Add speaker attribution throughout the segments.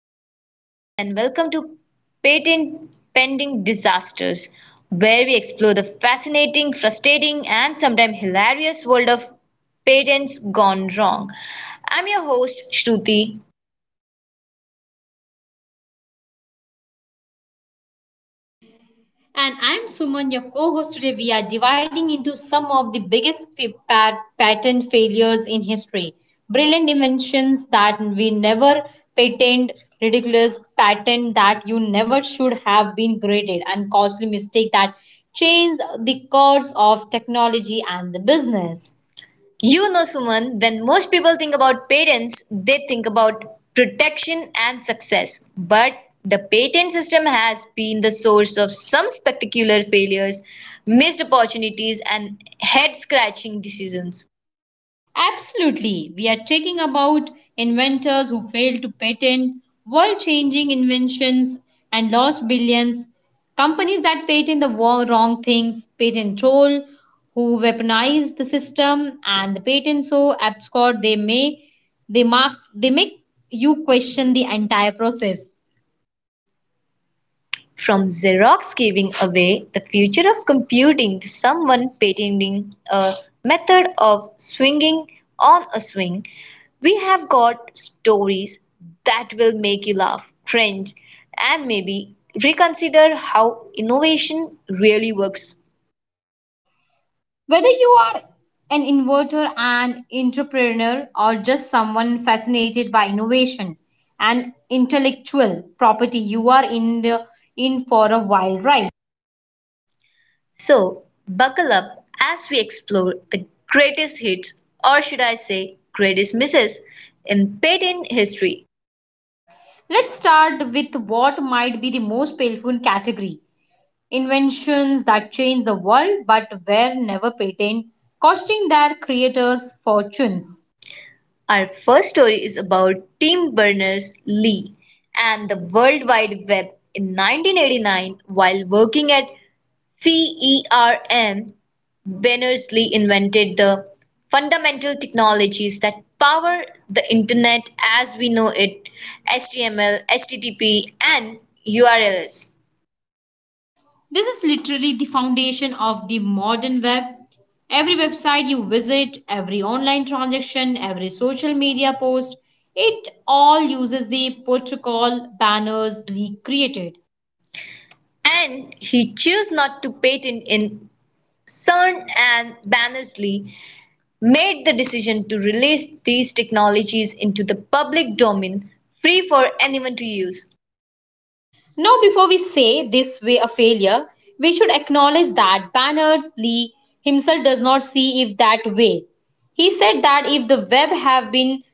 Speaker 1: Hello, everyone, and welcome to Patent Pending Disasters, where we explore the fascinating, frustrating, and sometimes hilarious world of patents gone wrong. I'm your host, Shruti.
Speaker 2: And I'm Suman, your co host. Today, we are dividing into some of the biggest patent failures in history. Brilliant inventions that we never patented, ridiculous patent that you never should have been graded, and costly mistake that changed the course of technology and the business.
Speaker 1: You know, Suman, when most people think about patents, they think about protection and success. But the patent system has been the source of some spectacular failures, missed opportunities, and head scratching decisions.
Speaker 2: Absolutely. We are talking about inventors who failed to patent world changing inventions and lost billions, companies that patent the wrong things, patent troll who weaponize the system and the patent so absurd they make you question the entire process.
Speaker 1: From Xerox giving away the future of computing to someone patenting a method of swinging on a swing, we have got stories that will make you laugh, cringe, and maybe reconsider how innovation really works.
Speaker 2: Whether you are an inverter, an entrepreneur, or just someone fascinated by innovation and intellectual property, you are in for a wild ride.
Speaker 1: So, buckle up as we explore the greatest hits, or should I say, greatest misses, in patent history.
Speaker 2: Let's start with what might be the most painful category: inventions that change the world but were never patented, costing their creators fortunes.
Speaker 1: Our first story is about Tim Berners-Lee and the World Wide Web in 1989, while working at CERN. Berners-Lee invented the fundamental technologies that power the internet as we know it: HTML, HTTP and URLs.
Speaker 2: This is literally the foundation of the modern web. Every website you visit, every online transaction, every social media post, it all uses the protocol banners Lee created.
Speaker 1: And he chose not to patent. In CERN, and Berners-Lee made the decision to release these technologies into the public domain, free for anyone to use.
Speaker 2: Now, before we say this way a failure, we should acknowledge that banners Lee himself does not see if that way. He said that if the web had been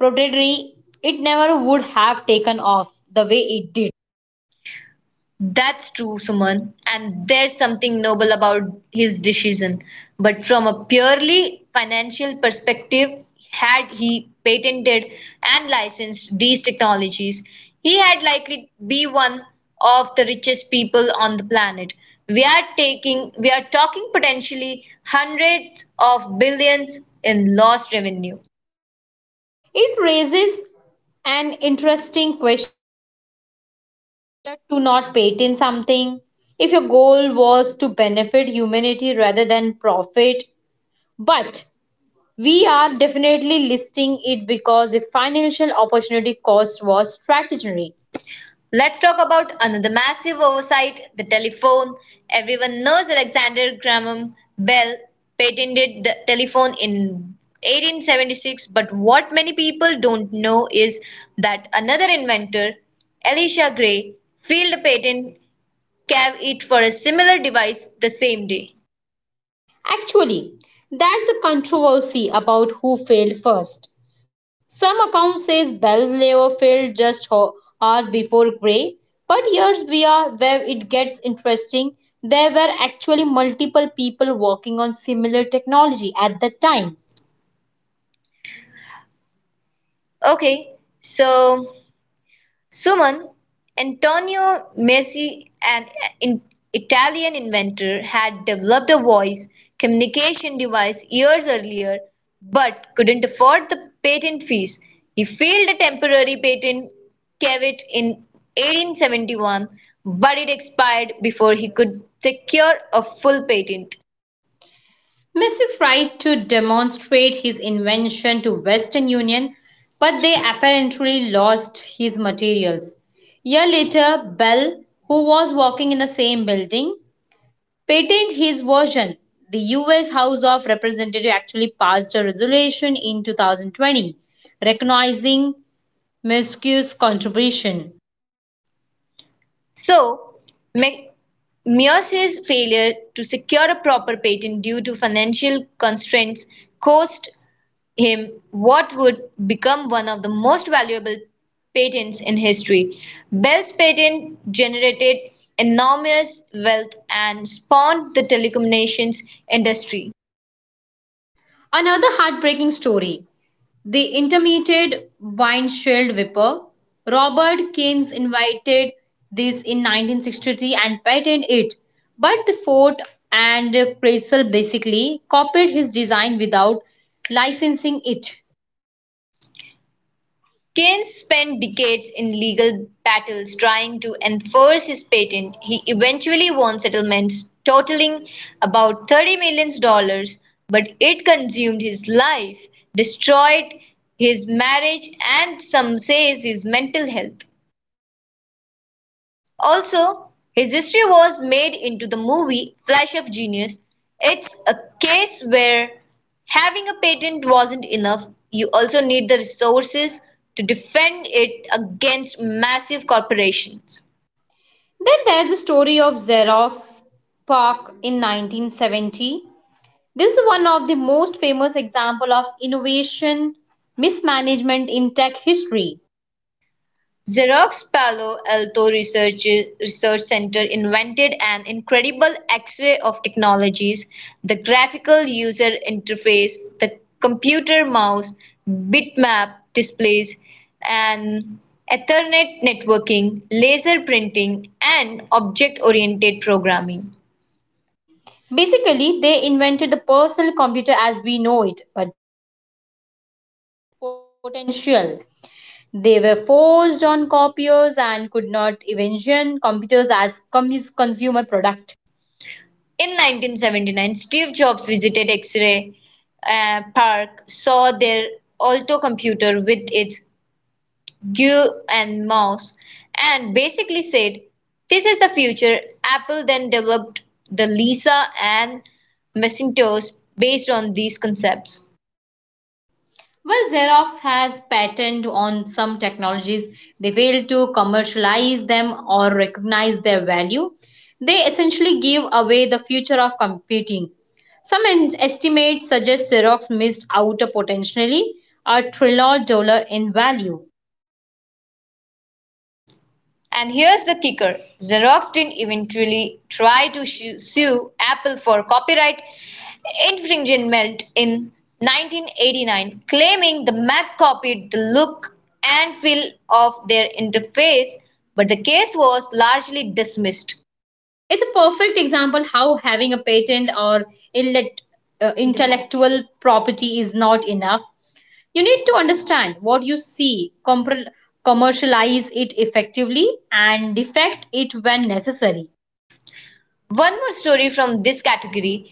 Speaker 2: predatory, it never would have taken off the way it did.
Speaker 1: That's true, Suman, and there's something noble about his decision. But from a purely financial perspective, had he patented and licensed these technologies, he had likely be one of the richest people on the planet. We are talking potentially hundreds of billions in lost revenue.
Speaker 2: It raises an interesting question to not patent something if your goal was to benefit humanity rather than profit. But we are definitely listing it because the financial opportunity cost was strategic.
Speaker 1: Let's talk about another massive oversight, the telephone. Everyone knows Alexander Graham Bell patented the telephone in 1876, but what many people don't know is that another inventor, Elisha Gray, filed a patent cave it for a similar device the same day.
Speaker 2: Actually, that's the controversy about who failed first. Some accounts says Galileo failed just hours before Gray, but here's via where it gets interesting. There were actually multiple people working on similar technology at that time.
Speaker 1: Okay, so Suman, Antonio Meucci, an in- Italian inventor, had developed a voice communication device years earlier but couldn't afford the patent fees. He filed a temporary patent cavit in 1871, but it expired before he could secure a full patent.
Speaker 2: Mr. tried to demonstrate his invention to Western Union, but they apparently lost his materials. A Year later, Bell, who was working in the same building, patent his version. The US House of Representatives actually passed a resolution in 2020 recognizing Mescue's contribution.
Speaker 1: So, Meier's failure to secure a proper patent due to financial constraints cost him what would become one of the most valuable patents in history. Bell's patent generated enormous wealth and spawned the telecommunications industry.
Speaker 2: Another heartbreaking story the intermittent windshield wiper. Robert Keynes invited this in 1963 and patented it, but the Ford and Chrysler basically copied his design without licensing it.
Speaker 1: Keynes spent decades in legal battles trying to enforce his patent. He eventually won settlements totaling about $30 million, dollars, but it consumed his life, destroyed his marriage, and some say his mental health. Also, his history was made into the movie "Flash of Genius." It's a case where having a patent wasn't enough; you also need the resources to defend it against massive corporations.
Speaker 2: Then there's the story of Xerox Park in 1970. This is one of the most famous example of innovation mismanagement in tech history.
Speaker 1: Xerox Palo Alto Research Center invented an incredible X-ray of technologies: the graphical user interface, the computer mouse, bitmap displays, and Ethernet networking, laser printing, and object-oriented programming.
Speaker 2: Basically, they invented the personal computer as we know it, but potential. They were forced on copiers and could not envision computers as consumer product.
Speaker 1: In 1979, Steve Jobs visited X-ray Park, saw their Alto computer with its Gue and mouse, and basically said, "This is the future." Apple then developed the Lisa and Macintosh based on these concepts.
Speaker 2: Well, Xerox has patented on some technologies. They fail to commercialize them or recognize their value. They essentially give away the future of computing. Some estimates suggest Xerox missed out a potentially a trillion dollars in value.
Speaker 1: And here's the kicker: Xerox didn't eventually try to sue Apple for copyright infringement in 1989, claiming the Mac copied the look and feel of their interface, but the case was largely dismissed.
Speaker 2: It's a perfect example how having a patent or inlet, intellectual property is not enough. You need to understand what you see, commercialize it effectively, and defect it when necessary.
Speaker 1: One more story from this category: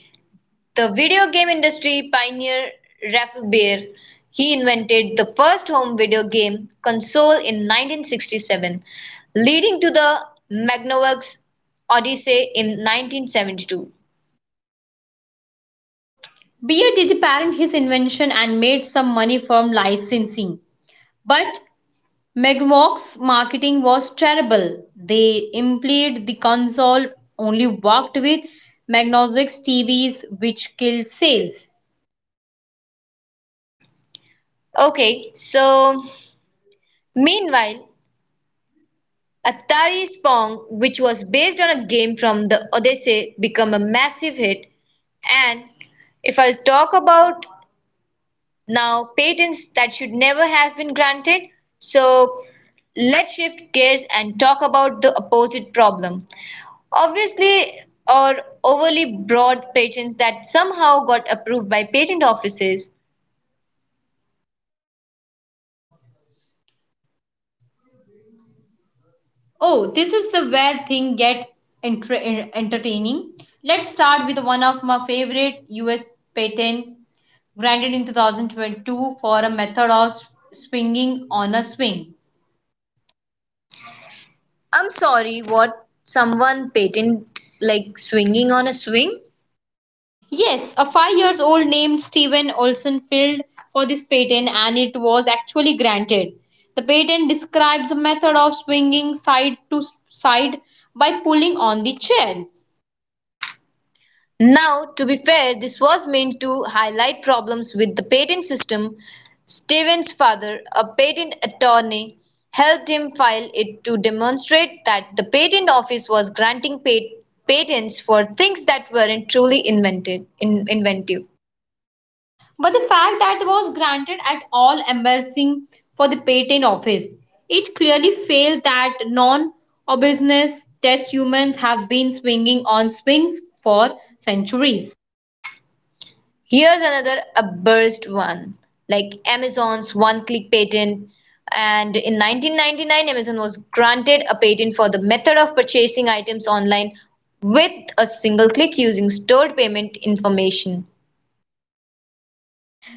Speaker 1: the video game industry pioneer Raphael Baer. He invented the first home video game console in 1967, leading to the Magnavox Odyssey in 1972.
Speaker 2: Beer did parent his invention and made some money from licensing. But McMock's marketing was terrible. They implied the console only worked with Magnox's TVs, which killed sales.
Speaker 1: Okay, so meanwhile, Atari's Pong, which was based on a game from the Odyssey, became a massive hit. And if I'll talk about now patents that should never have been granted. So let's shift gears and talk about the opposite problem. Obviously, or overly broad patents that somehow got approved by patent offices.
Speaker 2: Oh, this is the where thing get entertaining. Let's start with one of my favorite US patent granted in 2022 for a method of swinging on a swing.
Speaker 1: I'm sorry, what, someone patent like swinging on a swing?
Speaker 2: Yes, a 5 years old named Steven Olson filed for this patent and it was actually granted. The patent describes a method of swinging side to side by pulling on the chair.
Speaker 1: Now, to be fair, this was meant to highlight problems with the patent system. Stevens' father, a patent attorney, helped him file it to demonstrate that the patent office was granting patents for things that weren't truly invented, inventive.
Speaker 2: But the fact that it was granted at all embarrassing for the patent office. It clearly failed that non-obviousness test humans have been swinging on swings for centuries.
Speaker 1: Here's another abused one, like Amazon's one-click patent. And in 1999, Amazon was granted a patent for the method of purchasing items online with a single click using stored payment information.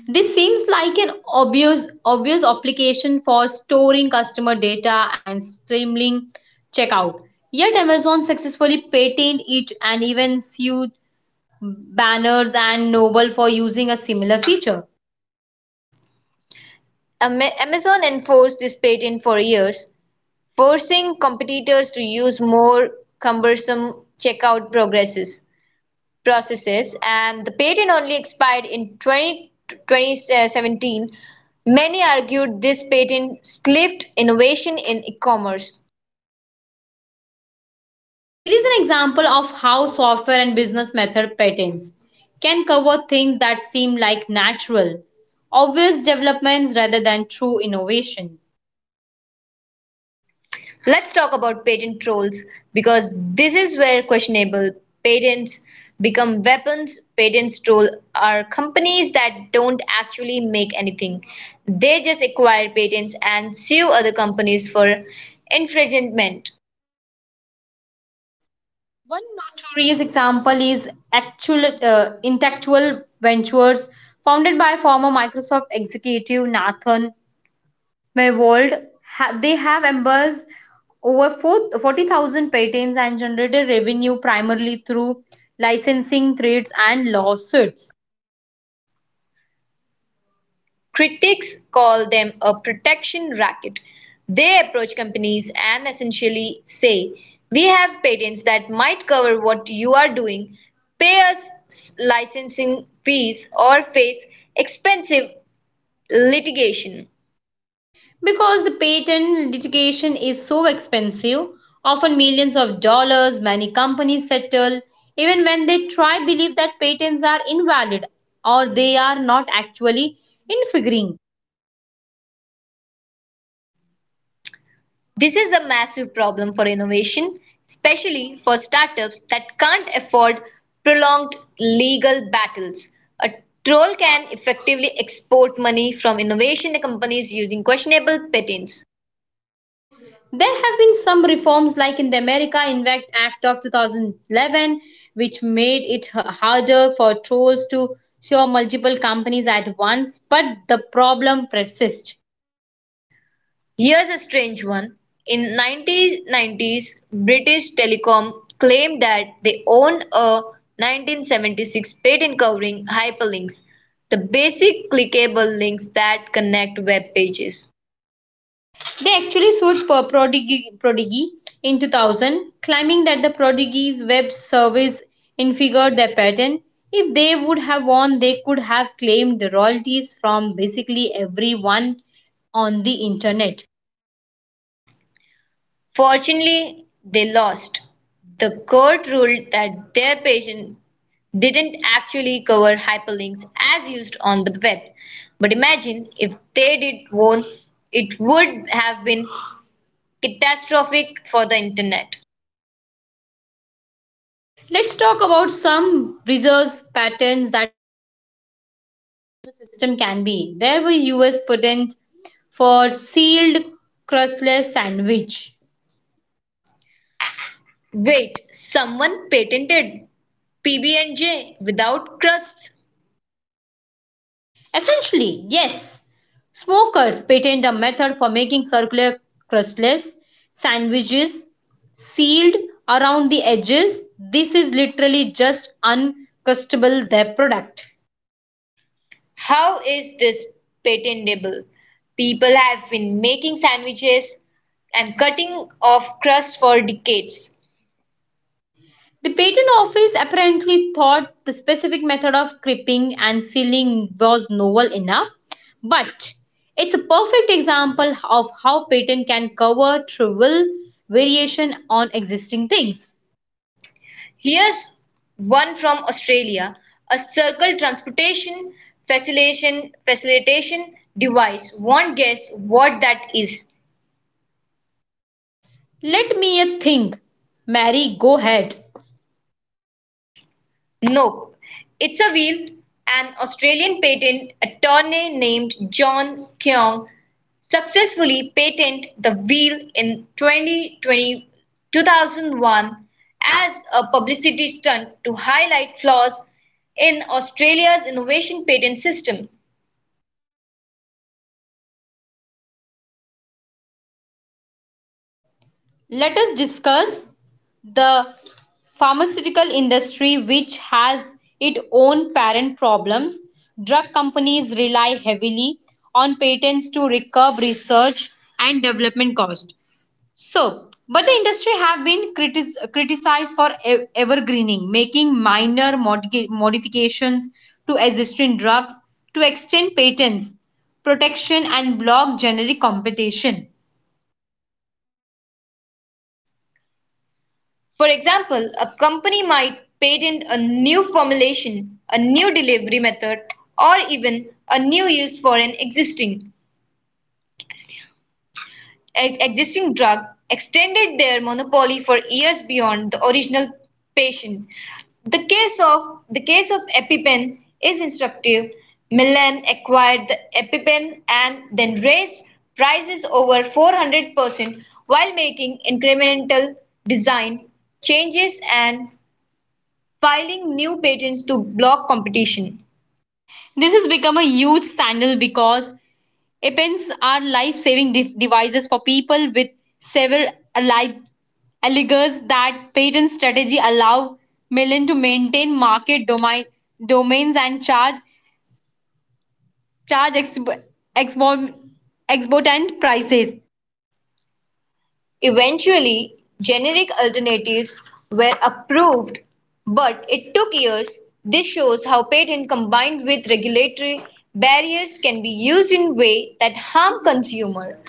Speaker 2: This seems like an obvious obvious application for storing customer data and streamlining checkout. Yet Amazon successfully patented it and even sued banners and Noble for using a similar feature.
Speaker 1: Amazon enforced this patent for years, forcing competitors to use more cumbersome checkout processes, and the patent only expired in 2017. Many argued this patent stifled innovation in e-commerce.
Speaker 2: It is an example of how software and business method patents can cover things that seem like natural, obvious developments rather than true innovation.
Speaker 1: Let's talk about patent trolls, because this is where questionable patents become weapons. Patents troll are companies that don't actually make anything. They just acquire patents and sue other companies for infringement.
Speaker 2: One notorious example is actual Intellectual Ventures, founded by former Microsoft executive Nathan Myhrvold. They have embraced over 40,000 patents and generated revenue primarily through licensing trades and lawsuits.
Speaker 1: Critics call them a protection racket; they approach companies and essentially say, "We have patents that might cover what you are doing. Pay us licensing fees, or face expensive litigation."
Speaker 2: Because the patent litigation is so expensive, often millions of dollars, many companies settle even when they try believe that patents are invalid or they are not actually infringing.
Speaker 1: This is a massive problem for innovation, especially for startups that can't afford prolonged legal battles. A troll can effectively export money from innovation companies using questionable patents.
Speaker 2: There have been some reforms like in the America Invent Act of 2011 which made it harder for trolls to sue multiple companies at once, but the problem persists.
Speaker 1: Here's a strange one: in 1990s, British Telecom claimed that they owned a 1976 patent covering hyperlinks, the basic clickable links that connect web pages.
Speaker 2: They actually sued Prodigy in 2000, claiming that the Prodigy's web service infringed their patent. If they would have won, they could have claimed the royalties from basically everyone on the internet.
Speaker 1: Fortunately, they lost. The court ruled that their patent didn't actually cover hyperlinks as used on the web. But imagine if they did won, it would have been catastrophic for the internet.
Speaker 2: Let's talk about some resource patterns that the system can be. There were US patent for sealed crustless sandwich.
Speaker 1: Wait, someone patented PB&J without crusts?
Speaker 2: Essentially, yes. Smokers patent a method for making circular crustless sandwiches sealed around the edges. This is literally just uncrustable their product.
Speaker 1: How is this patentable? People have been making sandwiches and cutting off crust for decades.
Speaker 2: The patent office apparently thought the specific method of crimping and sealing was novel enough, but it's a perfect example of how patent can cover trivial variation on existing things.
Speaker 1: Here's one from Australia, a circle transportation facilitation device. Won't guess what that is.
Speaker 2: Let me a think. Mary, go ahead.
Speaker 1: Nope, it's a wheel. An Australian patent attorney named John Keong successfully patented the wheel in 2020 2001 as a publicity stunt to highlight flaws in Australia's innovation patent system.
Speaker 2: Let us discuss the pharmaceutical industry which has its own parent problems. Drug companies rely heavily on patents to recover research and development costs. So, but the industry have been criticized for evergreening, making minor modifications to existing drugs to extend patents, protection, and block generic competition.
Speaker 1: For example, a company might patent a new formulation, a new delivery method, or even a new use for an existing drug, extended their monopoly for years beyond the original patient. The case of the case of EpiPen is instructive. Milan acquired the EpiPen and then raised prices over 400% while making incremental design changes and filing new patents to block competition.
Speaker 2: This has become a huge scandal because EpiPens are life-saving devices for people with several allied alleges that patent strategy allow Mellon to maintain domains and charge exorb- exorbitant prices.
Speaker 1: Eventually, generic alternatives were approved, but it took years. This shows how patent combined with regulatory barriers can be used in ways that harm consumer.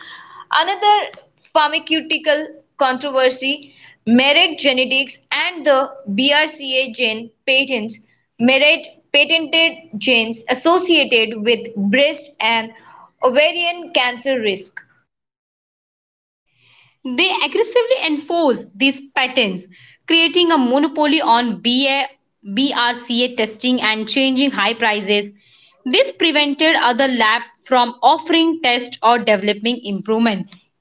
Speaker 1: Another pharmaceutical controversy, Merit Genetics and the BRCA gene patents. Merit patented genes associated with breast and ovarian cancer risk.
Speaker 2: They aggressively enforce these patents, creating a monopoly on BRCA testing and changing high prices. This prevented other labs from offering tests or developing improvements.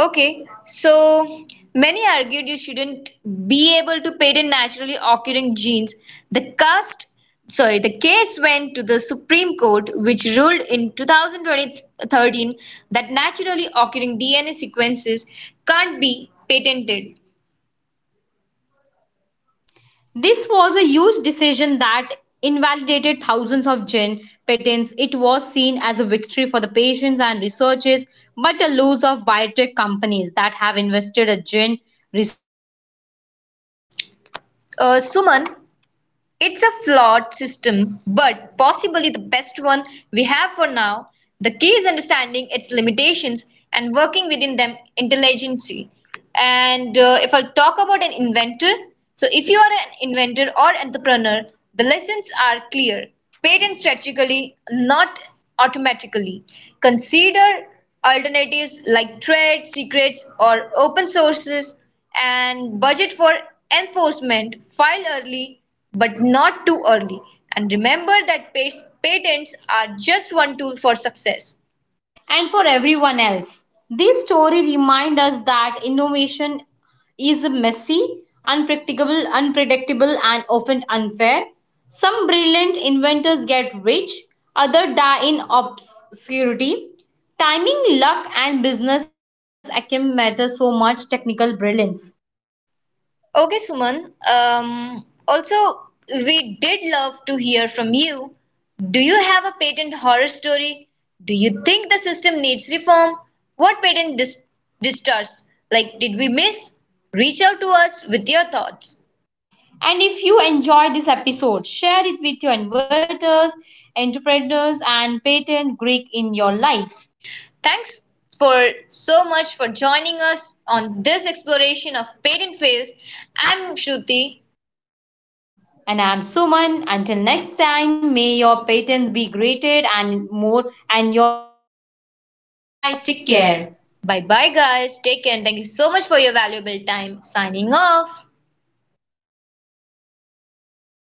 Speaker 1: Okay, so many argued you shouldn't be able to patent naturally occurring genes. The cast, the case went to the Supreme Court, which ruled in 2013 that naturally occurring DNA sequences can't be patented.
Speaker 2: This was a huge decision that invalidated thousands of gene patents. It was seen as a victory for the patients and researchers, but a loss of biotech companies that have invested a gene
Speaker 1: Suman, it's a flawed system, but possibly the best one we have for now. The key is understanding its limitations and working within them intelligently. And if I'll talk about an inventor, so if you are an inventor or entrepreneur, the lessons are clear. Patent strategically, not automatically. Consider alternatives like trade secrets or open sources, and budget for enforcement, file early but not too early. And remember that patents are just one tool for success.
Speaker 2: and for everyone else. This story reminds us that innovation is messy, unpredictable, and often unfair. Some brilliant inventors get rich, others die in obscurity. Timing, luck, and business acumen matter so much technical brilliance.
Speaker 1: Okay, Suman. Also, we did love to hear from you. Do you have a patent horror story? Do you think the system needs reform? What patent distrust, like, did we miss? Reach out to us with your thoughts.
Speaker 2: And if you enjoy this episode, share it with your inverters, entrepreneurs, and patent Greek in your life.
Speaker 1: Thanks for so much for joining us on this exploration of patent fails. I'm Shruti.
Speaker 2: And I'm Suman. Until next time, may your patents be greater and more, and your take care.
Speaker 1: Bye. Take care. Bye bye, guys. Take care, and thank you so much for your valuable time. Signing off.